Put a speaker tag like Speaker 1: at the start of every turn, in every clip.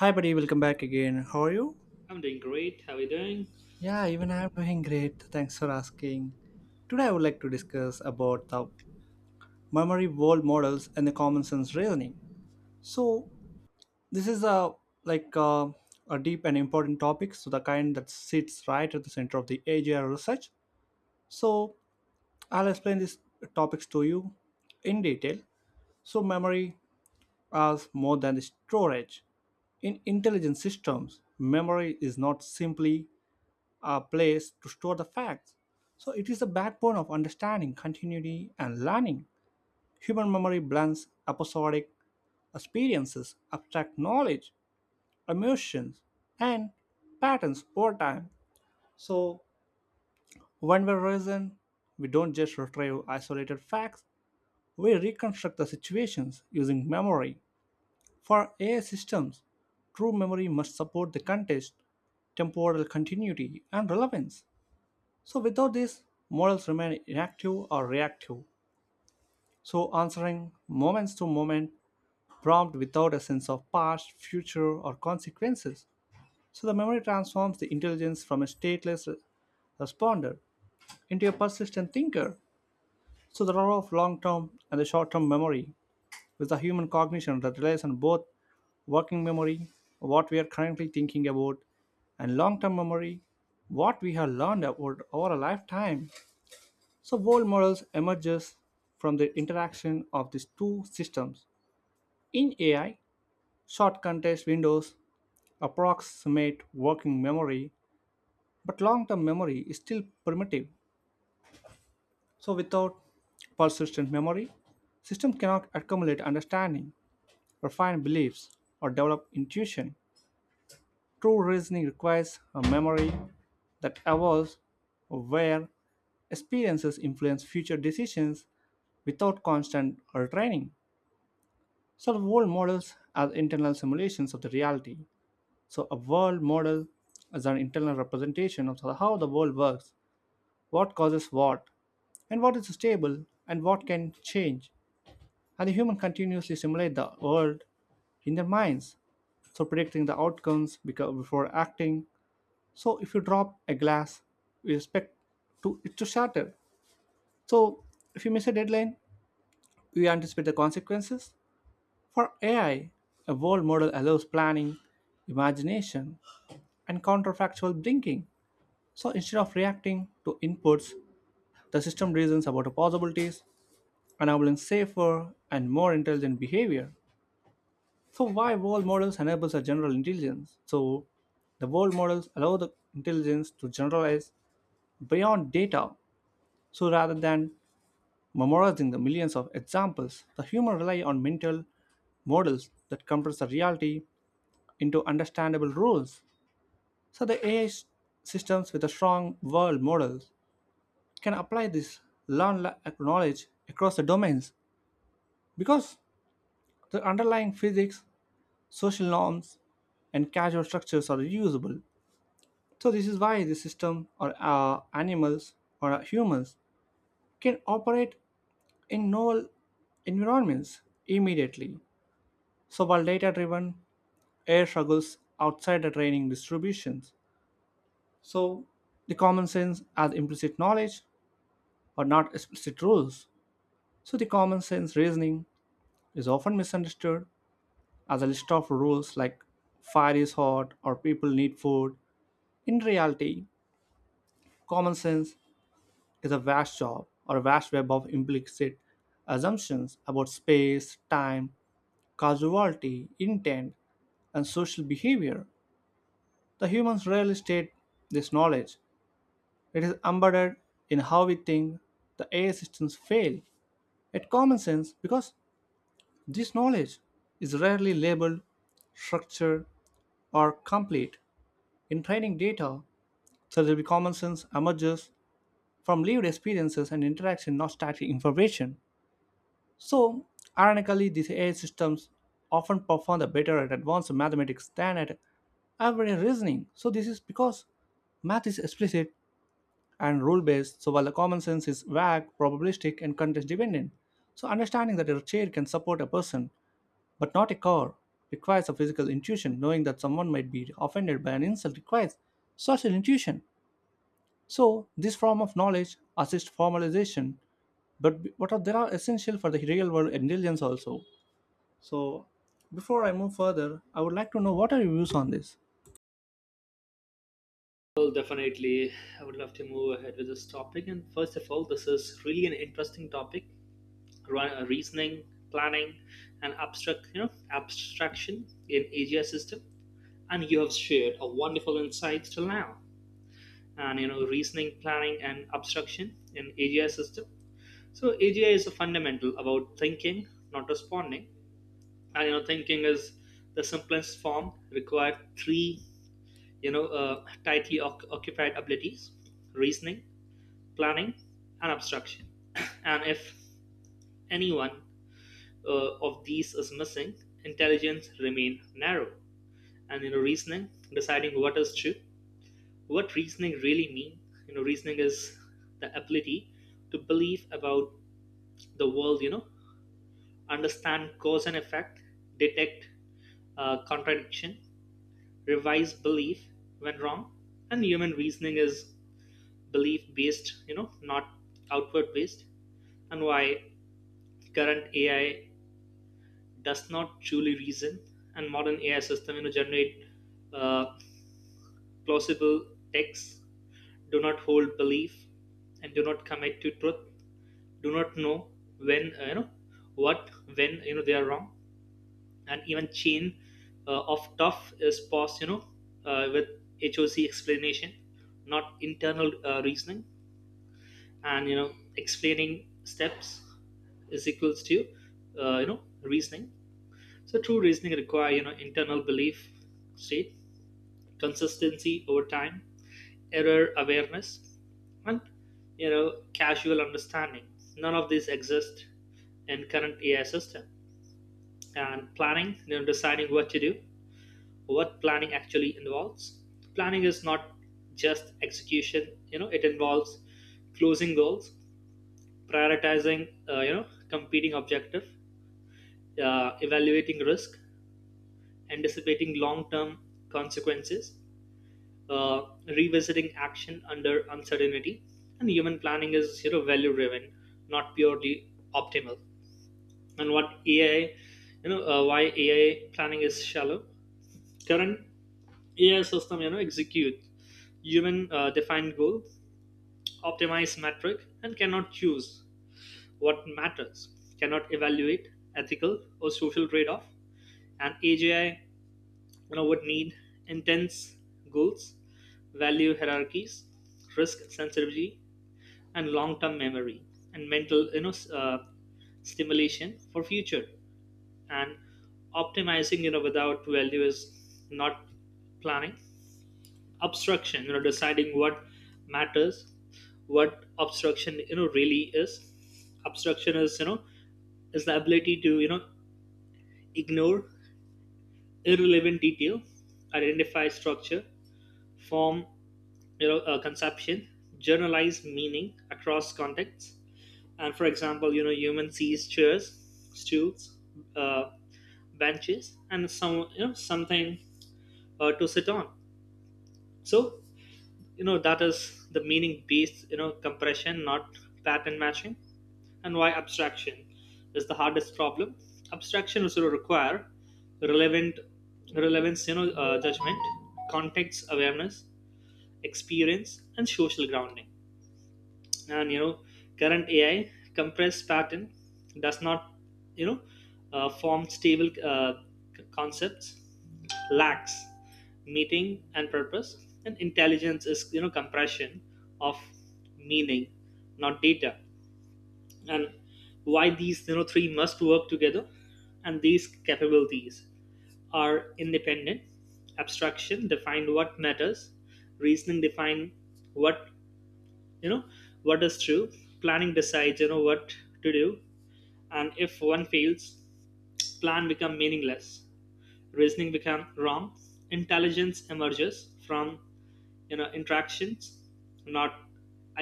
Speaker 1: Hi, buddy. Welcome back again. How are you?
Speaker 2: I'm doing great. How are you doing?
Speaker 1: Yeah, even I'm doing great. Thanks for asking. Today, I would like to discuss about the memory world models and the common sense reasoning. So, this is a like a, a deep and important topic. So, the kind that sits right at the center of the AGI research. So, I'll explain these topics to you in detail. So, memory is more than the storage. In intelligent systems, memory is not simply a place to store the facts. So it is the backbone of understanding, continuity, and learning. Human memory blends episodic experiences, abstract knowledge, emotions, and patterns over time. So when we reason, we don't just retrieve isolated facts, we reconstruct the situations using memory. For AI systems, true memory must support the context, temporal continuity, and relevance. So without this, models remain inactive or reactive. So answering moments to moment prompt without a sense of past, future, or consequences. So the memory transforms the intelligence from a stateless responder into a persistent thinker. So the role of long-term and the short-term memory is the human cognition that relies on both working memory, what we are currently thinking about, and long-term memory, what we have learned about over a lifetime. So world models emerges from the interaction of these two systems. In AI, short context windows approximate working memory, but long-term memory is still primitive. So without persistent memory, systems cannot accumulate understanding, refine beliefs, or develop intuition. True reasoning requires a memory that evolves where experiences influence future decisions without constant retraining. So, the world models are internal simulations of the reality. So, a world model is an internal representation of how the world works, what causes what, and what is stable, and what can change. And the human continuously simulate the world in their minds, so predicting the outcomes before acting. So, if you drop a glass, we expect it to shatter. So, if you miss a deadline, we anticipate the consequences. For AI, a world model allows planning, imagination, and counterfactual thinking. So instead of reacting to inputs, the system reasons about the possibilities, enabling safer and more intelligent behavior. So why world models enables a general intelligence? So the world models allow the intelligence to generalize beyond data. So rather than memorizing the millions of examples, the human rely on mental models that compress the reality into understandable rules. So the AI systems with a strong world model can apply this learned knowledge across the domains because the underlying physics, social norms, and causal structures are reusable. So this is why the system or animals or humans can operate in novel environments immediately. So while data-driven AI struggles outside the training distributions, so the common sense as implicit knowledge or not explicit rules. So the common sense reasoning is often misunderstood as a list of rules like fire is hot or people need food. In reality, common sense is a vast job or a vast web of implicit assumptions about space, time, causality, intent, and social behavior. The humans rarely state this knowledge. It is embedded in how we think the AI systems fail at common sense because this knowledge is rarely labeled, structured, or complete. In training data, surgery common sense emerges from lived experiences and interaction, not static information. So, ironically, these AI systems often perform the better at advanced mathematics than at everyday reasoning. So, this is because math is explicit and rule based, so while the common sense is vague, probabilistic, and context dependent. So, understanding that a chair can support a person but not a car requires a physical intuition knowing that someone might be offended by an insult requires social intuition so this form of knowledge assists formalization but what are there are essential for the real world intelligence also. So before I move further, I would like to know what are your views on this.
Speaker 2: Well, definitely. I would love to move ahead with this topic. And first of all, this is really an interesting topic: reasoning, planning, and abstraction in AGI system. And you have shared a wonderful insights till now. And you know, reasoning, planning, and abstraction in AGI system. So AGI is a fundamental about thinking, not responding. And you know, thinking is the simplest form. Required three tightly occupied abilities, reasoning, planning, and abstraction. And if any one of these is missing, intelligence remain narrow. And you know, reasoning, deciding what is true, what reasoning really means? You know, reasoning is the ability to believe about the world. You know, understand cause and effect, detect contradiction, revise belief when wrong. And human reasoning is belief based, you know, not outward based. And why current AI does not truly reason, and modern AI system, you know, generate uh, plausible texts, do not hold belief, and do not commit to truth, do not know when you know they are wrong. And even chain of tough is paused, you know, with hoc explanation, not internal reasoning. And you know, explaining steps is equals to you know reasoning. So true reasoning require, you know, internal belief state, consistency over time, error awareness, and you know casual understanding. None of these exist in current AI system. And planning, you know, deciding what to do, what planning actually involves. Planning is not just execution, you know, it involves closing goals, prioritizing, you know, competing objective, evaluating risk, anticipating long-term consequences, uh, revisiting action under uncertainty. And human planning is, you know, value driven, not purely optimal. And what AI, why AI planning is shallow. Current AI system, you know, execute human defined goal, optimize metric, and cannot choose what matters, cannot evaluate ethical or social trade-off. And AGI, you know, would need intense goals, value hierarchies, risk sensitivity, and long-term memory and mental, stimulation for future. And optimizing, you know, without value is not planning. Obstruction, you know, deciding what matters, what obstruction, you know, really is. Obstruction is, you know, is the ability to, you know, ignore irrelevant detail, identify structure, form, you know, a conception, generalize meaning across contexts. And for example, you know, human sees chairs, stools, uh, benches, and some, you know, something to sit on. So you know, that is the meaning based, you know, compression, not pattern matching. And why abstraction is the hardest problem. Abstraction also require relevant relevance, judgment, context awareness, experience, and social grounding. And you know, current AI compressed pattern does not, you know, form stable, concepts, lacks meaning and purpose. And intelligence is, you know, compression of meaning, not data. And why these, you know, three must work together. And these capabilities are independent. Abstraction define what matters, reasoning define what you know what is true, planning decides, you know, what to do. And if one fails, plan become meaningless, reasoning become wrong. Intelligence emerges from, you know, interactions, not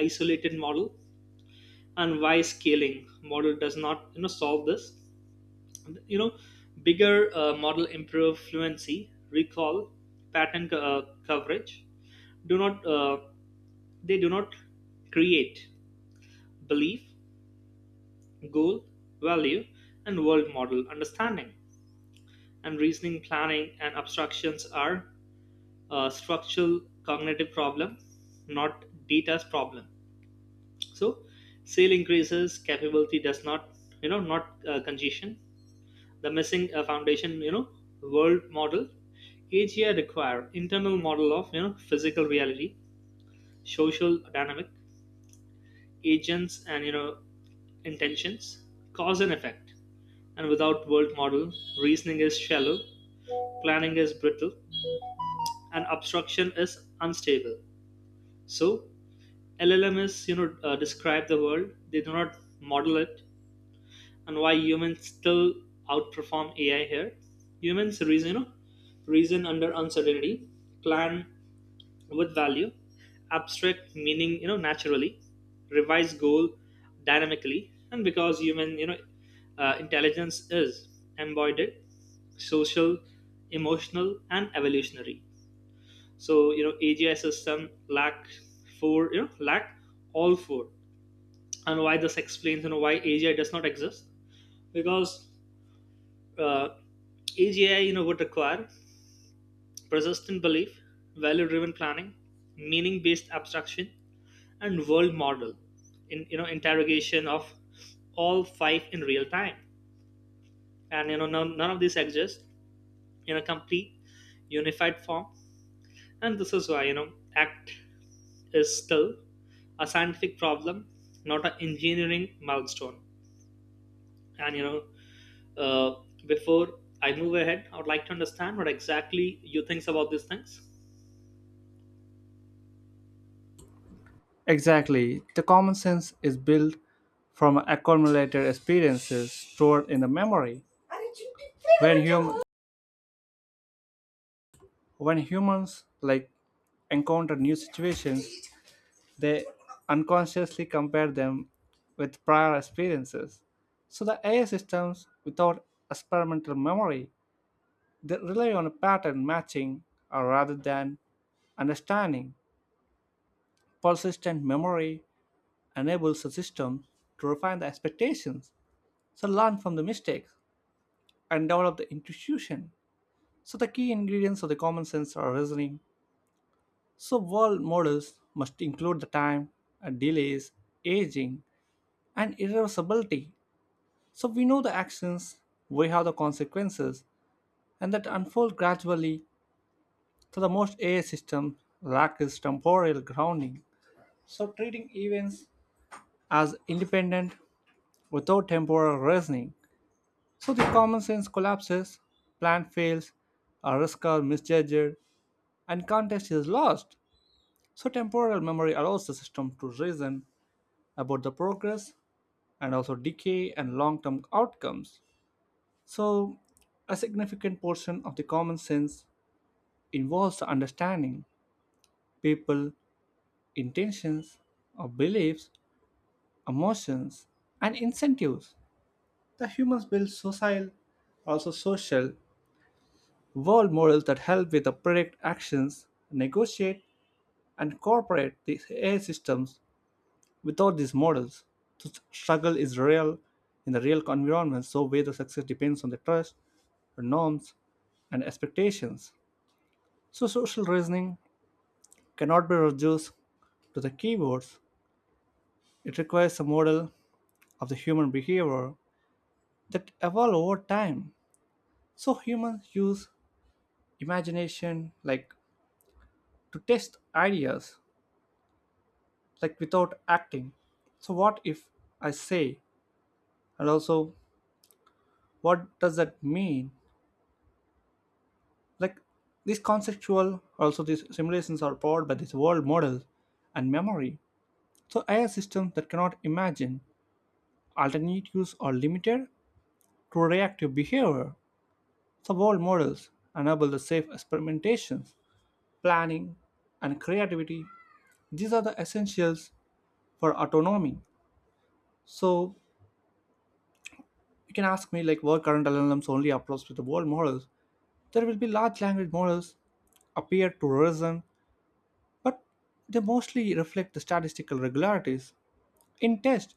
Speaker 2: isolated model. And why scaling model does not, you know, solve this. You know, bigger model improve fluency, recall, pattern coverage, do not, they do not create belief, goal, value, and world model understanding. And reasoning, planning, and abstractions are a structural cognitive problem, not data's problem. So sale increases, capability does not, you know, not congestion. The missing foundation, you know, world model. AGI require internal model of, you know, physical reality, social dynamic, agents, and you know intentions, cause and effect. And without world model, reasoning is shallow, planning is brittle, and obstruction is unstable. So LLMs, you know, describe the world, they do not model it. And why humans still outperform AI here. Humans reason, reason under uncertainty, plan with value, abstract meaning, you know, naturally, revise goal dynamically. And because human, you know, intelligence is embodied, social, emotional, and evolutionary. So you know, AGI system lack four, you know lack all four. And why this explains, you know, why AGI does not exist. Because uh, AGI, you know, would require persistent belief, value-driven planning, meaning-based abstraction, and world model in, you know, interrogation of all five in real time. And you know, none of these exist in a complete unified form. And this is why, you know, AGI is still a scientific problem, not an engineering milestone. And uh, before I move ahead, I would like to understand what exactly you think about these things.
Speaker 1: Exactly, the common sense is built from accumulated experiences stored in the memory when when humans like encounter new situations, they unconsciously compare them with prior experiences. So the AI systems without experimental memory, they rely on pattern matching rather than understanding. Persistent memory enables the system to refine the expectations, so learn from the mistakes and develop the intuition. So the key ingredients of the common sense are reasoning. So world models must include the time, delays, aging, and irreversibility. So we know the actions, we have the consequences, and that unfold gradually. So the most AI system lack is temporal grounding. So treating events as independent without temporal reasoning. So the common sense collapses, plan fails, a risk are misjudged, and context is lost. So temporal memory allows the system to reason about the progress and also decay and long-term outcomes. So a significant portion of the common sense involves understanding people, intentions, or beliefs, emotions, and incentives. The humans build social, also social, world models that help with the predict actions, negotiate, and cooperate these AI systems. Without these models, the struggle is real in the real environment, so where the success depends on the trust, the norms, and expectations. So social reasoning cannot be reduced to the keywords. It requires a model of the human behavior that evolve over time. So humans use imagination like to test ideas like without acting. So what if I say and also what does that mean? Like these conceptual also these simulations are powered by this world models and memory. So AI systems that cannot imagine alternatives are limited to reactive behavior. So world models enable the safe experimentations planning, and creativity. These are the essentials for autonomy. So you can ask me like were current LLMs only approached with the world models? There will be large language models appear to reason, but they mostly reflect the statistical regularities in test.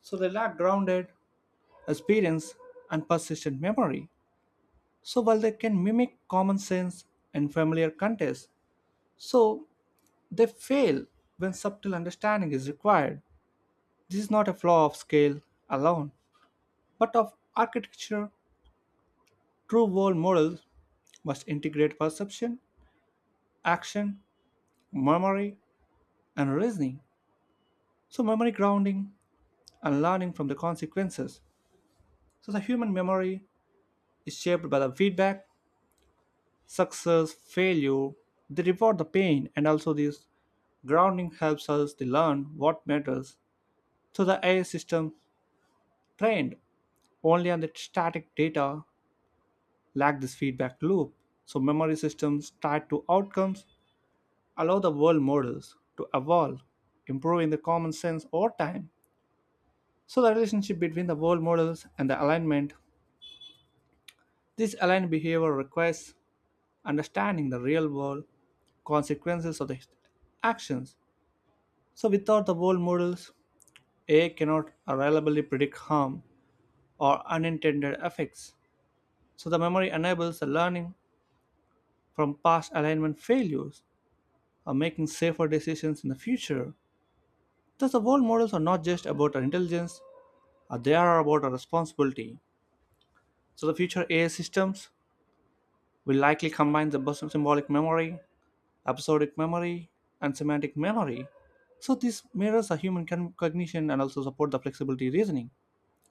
Speaker 1: So they lack grounded experience and persistent memory. So while they can mimic common sense and familiar context, so they fail when subtle understanding is required. This is not a flaw of scale alone, but of architecture. True world models must integrate perception, action, memory, and reasoning. So, memory grounding and learning from the consequences. So, the human memory is shaped by the feedback, success, failure. They reward the pain, and also this grounding helps us to learn what matters. So, the AI system trained only on the static data lack this feedback loop, so memory systems tied to outcomes allow the world models to evolve, improving the common sense over time. So the relationship between the world models and the alignment, this aligned behavior requires understanding the real world consequences of the actions. So without the world models, AI cannot reliably predict harm or unintended effects. So the memory enables the learning from past alignment failures making safer decisions in the future. Thus, the world models are not just about our intelligence, they are about our responsibility. So, the future AI systems will likely combine the symbolic memory, episodic memory, and semantic memory. So, this mirrors a human cognition and also support the flexibility reasoning.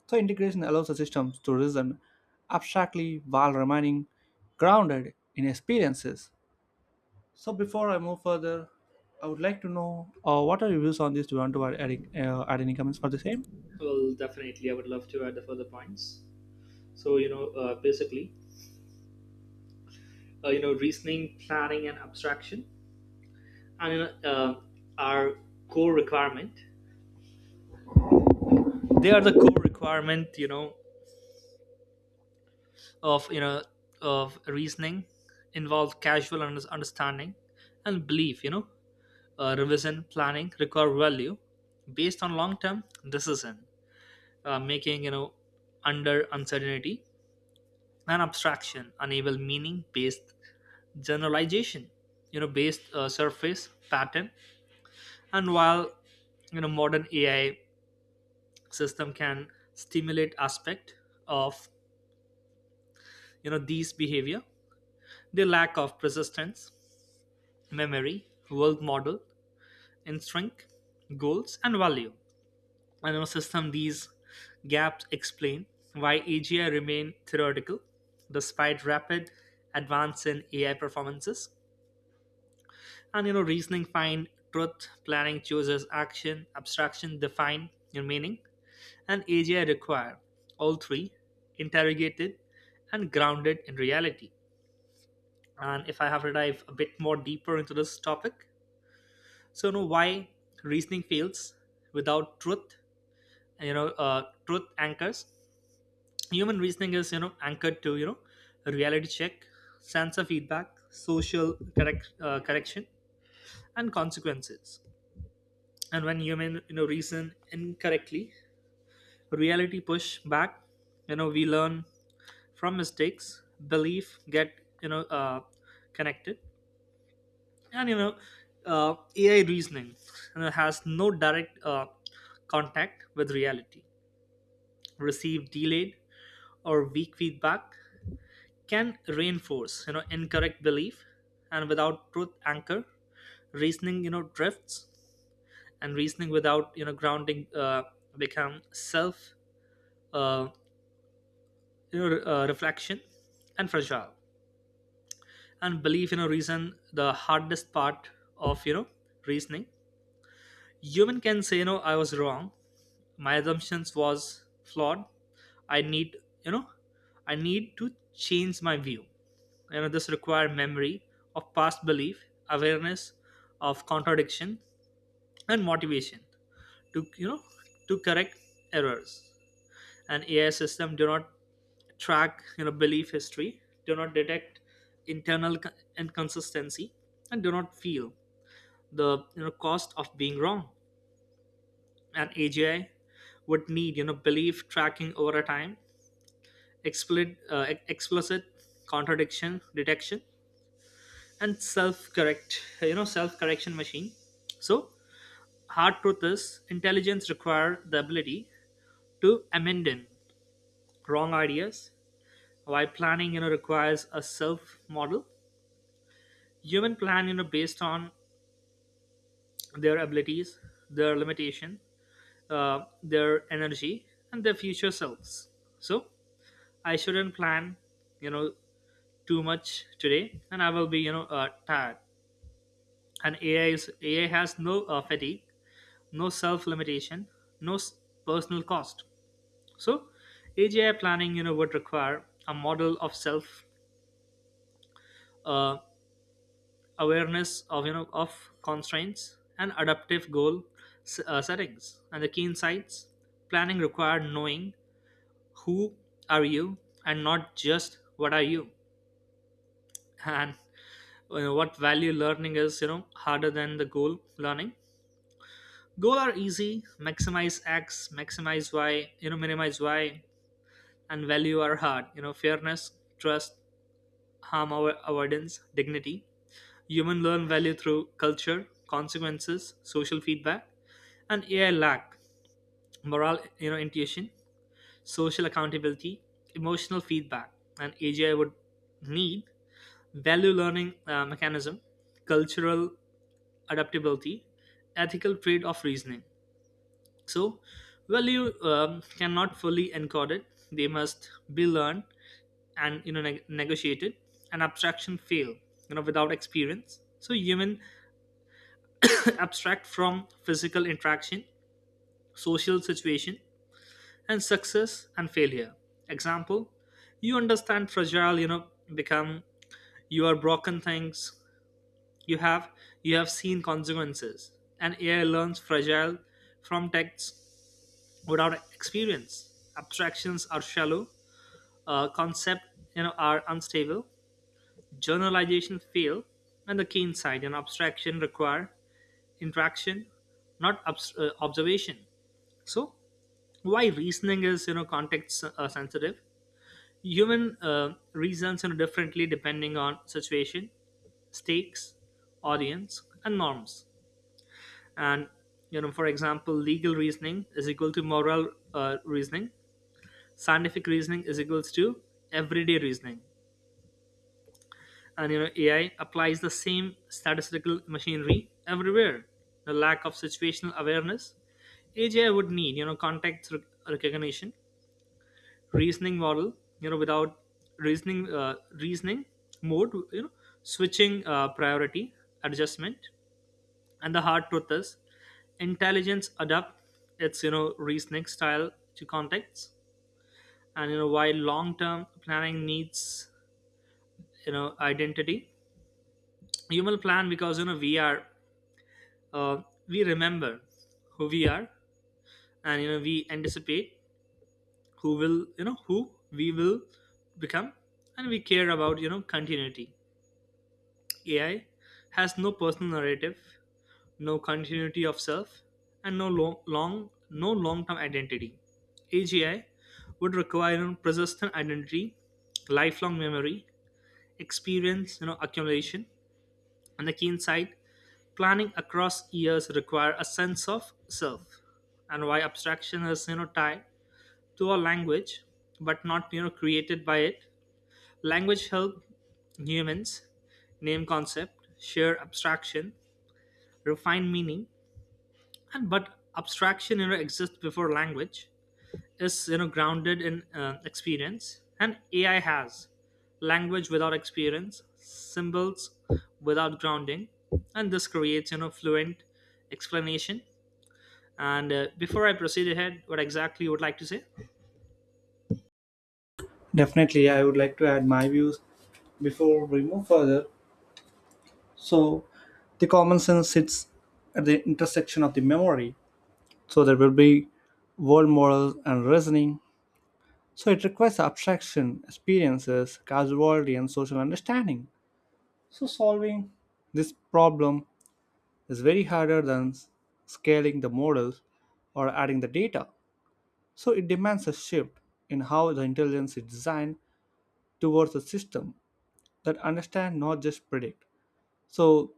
Speaker 1: So, integration allows the systems to reason abstractly while remaining grounded in experiences. So before I move further, I would like to know what are your views on this? Do you want to add any comments for the same?
Speaker 2: Well, definitely, I would love to add the further points. So basically, you know, reasoning, planning, and abstraction, I mean, uh, are core requirement. They are the core requirement, you know, of reasoning, involve casual understanding and belief. You know, revision planning require value based on long-term decision making. You know, under uncertainty, and abstraction, enable meaning-based generalization. You know, based surface pattern. And while, you know, modern AI system can stimulate aspect of, you know, these behavior, the lack of persistence memory, world model, instinct, goals, and value. And in a system, these gaps explain why AGI remain theoretical despite rapid advance in AI performances. And you know, reasoning find truth, planning chooses action, abstraction define your meaning. And AGI require all three interrogated and grounded in reality. And if I have to dive a bit more deeper into this topic, so you know why reasoning fails without truth. You know, truth anchors. Human reasoning is, you know, anchored to, you know, reality check, sensor feedback, social correction, and consequences. And when human, you know, reason incorrectly, reality push back. You know, we learn from mistakes, belief get, you know uh, connected. And you know, AI reasoning, you know, has no direct contact with reality. Receive delayed or weak feedback, can reinforce, you know, incorrect belief. And without truth anchor, reasoning, you know, drifts. And reasoning without, you know, grounding, become self, uh, reflection and fragile. And belief, you know, reason, the hardest part of, you know, reasoning. Human can say, you know, I was wrong, my assumptions was flawed, I need, you know to change my view. You know, this require memory of past belief, awareness of contradiction, and motivation to, correct errors. And AI system do not track, you know, belief history, do not detect internal co- inconsistency, and do not feel the, you know, cost of being wrong. And AGI would need, you know, belief tracking over a time, explicit contradiction detection, and self correction machine. So hard truth is, intelligence require the ability to amend in wrong ideas. While planning, you know, requires a self model. Human plan, you know, based on their abilities, their limitation, their energy, and their future selves. So I shouldn't plan, you know, too much today, and I will be, tired. And AI has no fatigue, no self limitation, no s- personal cost. So AGI planning, you know, would require a model of self, uh, awareness of, constraints, and adaptive goal settings. And the key insights, planning required knowing who are you, and not just what are you. And you know, what value learning is, you know, harder than the goal learning. Goal are easy, maximize X, maximize Y, you know, minimize Y. And value are hard, you know, fairness, trust, harm avoidance, dignity. Human learn value through culture, consequences, social feedback. And AI lack moral, you know, intuition, social accountability, emotional feedback. And AGI would need value learning, mechanism, cultural adaptability, ethical trade of reasoning. So value, cannot fully encode it; they must be learned and, you know, negotiated. An abstraction fail, you know, without experience. So human abstract from physical interaction, social situation, and success and failure. Example, you understand fragile, you know, become you are broken things. You have you have seen consequences. And AI learns fragile from texts without experience. Abstractions are shallow, concept, you know, are unstable, generalization fail. And the keen side and abstraction require interaction, not observation. So why reasoning is, you know, context, sensitive. Human, reasons, you know, differently depending on situation, stakes, audience, and norms. And you know, for example, legal reasoning is equal to moral, reasoning, scientific reasoning is equals to everyday reasoning. And you know, AI applies the same statistical machinery everywhere, the lack of situational awareness. AGI would need, you know, recognition, reasoning model, you know, without reasoning, reasoning mode, you know, switching, priority adjustment. And the hard truth is, intelligence adapt its, you know, reasoning style to context. And you know, while long term planning needs, you know, identity, human plan because, you know, we are, uh, we remember who we are. And you know, we anticipate who we will become, and we care about, you know, continuity. AI has no personal narrative, no continuity of self, and no long term identity. AGI would require, you know, persistent identity, lifelong memory, experience, you know, accumulation. On the keen side, planning across years require a sense of self. And why abstraction is, you know, tied to a language, but not, you know, created by it. Language help humans name concept, share abstraction, refine meaning. And but abstraction, you know, exists before language, is, you know, grounded in, experience. And AI has language without experience, symbols without grounding, and this creates, you know, fluent explanation. And before I proceed ahead, what exactly you would like to say?
Speaker 1: Definitely, I would like to add my views before we move further. So the common sense sits at the intersection of the memory. So there will be world models and reasoning. So it requires abstraction, experiences, causality, and social understanding. So solving this problem is very harder than scaling the models or adding the data. So it demands a shift in how the intelligence is designed towards a system that understand not just predict. So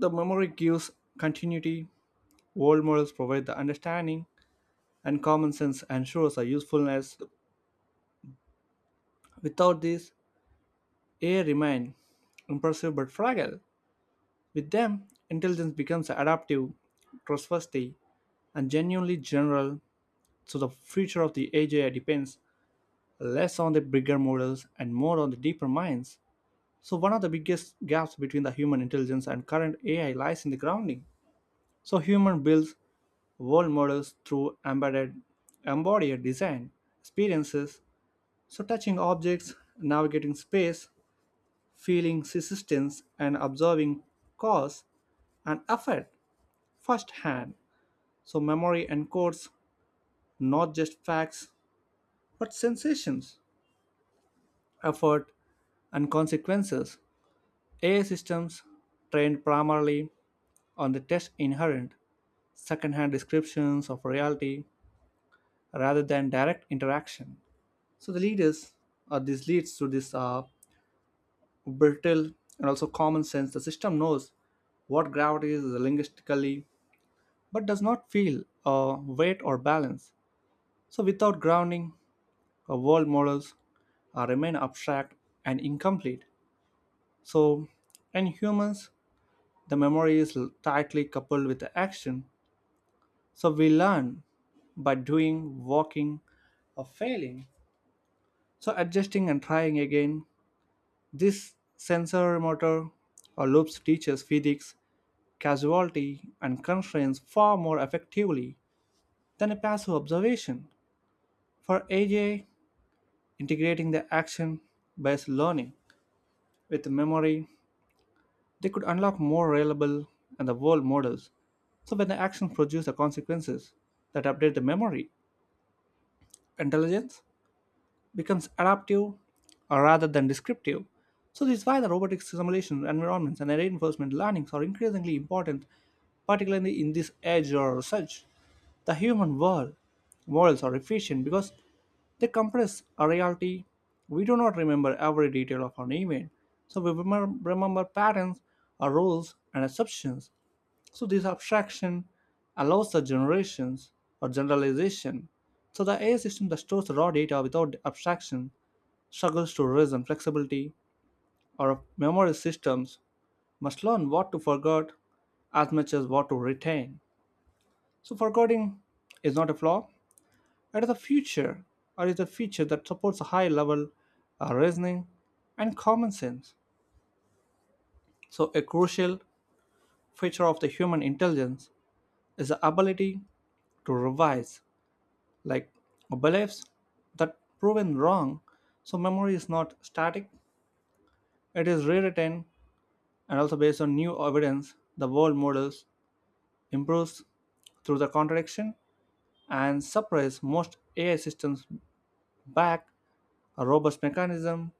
Speaker 1: the memory gives continuity, world models provide the understanding, and common sense ensures a usefulness. Without this, AI remain impressive but fragile. With them, intelligence becomes adaptive, trustworthy, and genuinely general. So the future of the AGI depends less on the bigger models and more on the deeper minds. So, one of the biggest gaps between the human intelligence and current AI lies in the grounding. So, human builds world models through embedded, embodied design, experiences, so touching objects, navigating space, feeling resistance, and observing cause and effect firsthand. So, memory encodes not just facts but sensations, effort, and consequences. AI systems trained primarily on the test inherent second-hand descriptions of reality rather than direct interaction. So the leaders, or this leads to this brittle and also common sense. The system knows what gravity is linguistically, but does not feel weight or balance. So without grounding, world models remain abstract and incomplete. So in humans, the memory is tightly coupled with the action. So we learn by doing, walking, or failing. So adjusting and trying again, this sensor motor or loops teaches physics, casualty, and constraints far more effectively than a passive observation. For AJ, integrating the action-based learning with memory, they could unlock more reliable and the world models. So when the actions produce the consequences that update the memory, intelligence becomes adaptive rather than descriptive. So this is why the robotic simulation environments and reinforcement learnings are increasingly important, particularly in this age or such. The human world models are efficient because they compress a reality. We do not remember every detail of an event, so we remember patterns, our rules, and assumptions. So this abstraction allows the generations or generalization. So the AI system that stores raw data without abstraction struggles to reason flexibility, our memory systems must learn what to forget as much as what to retain. So forgetting is not a flaw, it is a feature, or is a feature that supports a high level of reasoning and common sense. So a crucial feature of the human intelligence is the ability to revise, like beliefs that proven wrong. So memory is not static, it is rewritten and also based on new evidence the world models improves through the contradiction and surprise most AI systems back a robust mechanism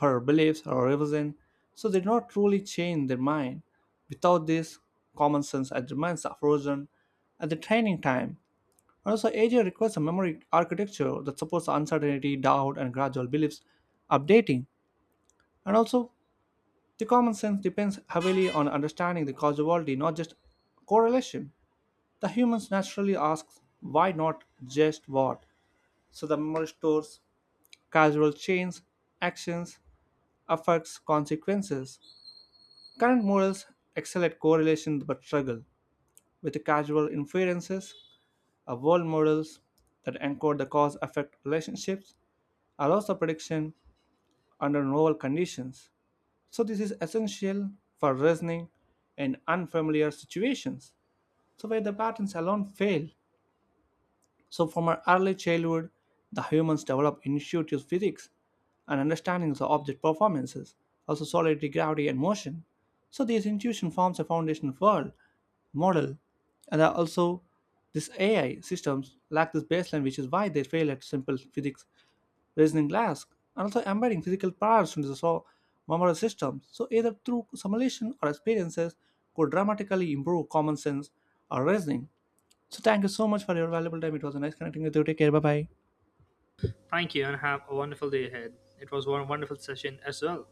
Speaker 1: for beliefs or revision so they do not truly change their mind without this common sense it remains frozen at the training time and also AI requires a memory architecture that supports uncertainty doubt and gradual beliefs updating and also the common sense depends heavily on understanding the causality, not just correlation. The humans naturally asks why not just what. So the memory stores causal chains, actions, affects, consequences. Current models excel at correlation but struggle with the causal inferences. A world models that encode the cause-effect relationships allows the prediction under novel conditions. So this is essential for reasoning in unfamiliar situations, so where the patterns alone fail. So from our early childhood, the humans develop intuitive physics and understanding of object performances, also solidity, gravity, and motion. So these intuition forms a foundation world model, and are also these AI systems lack this baseline, which is why they fail at simple physics reasoning tasks, and also embedding physical powers into the memory systems. So either through simulation or experiences could dramatically improve common sense or reasoning. So thank you so much for your valuable time. It was a nice connecting with you. Take care. Bye bye.
Speaker 2: Thank you and have a wonderful day ahead. It was one wonderful session as well.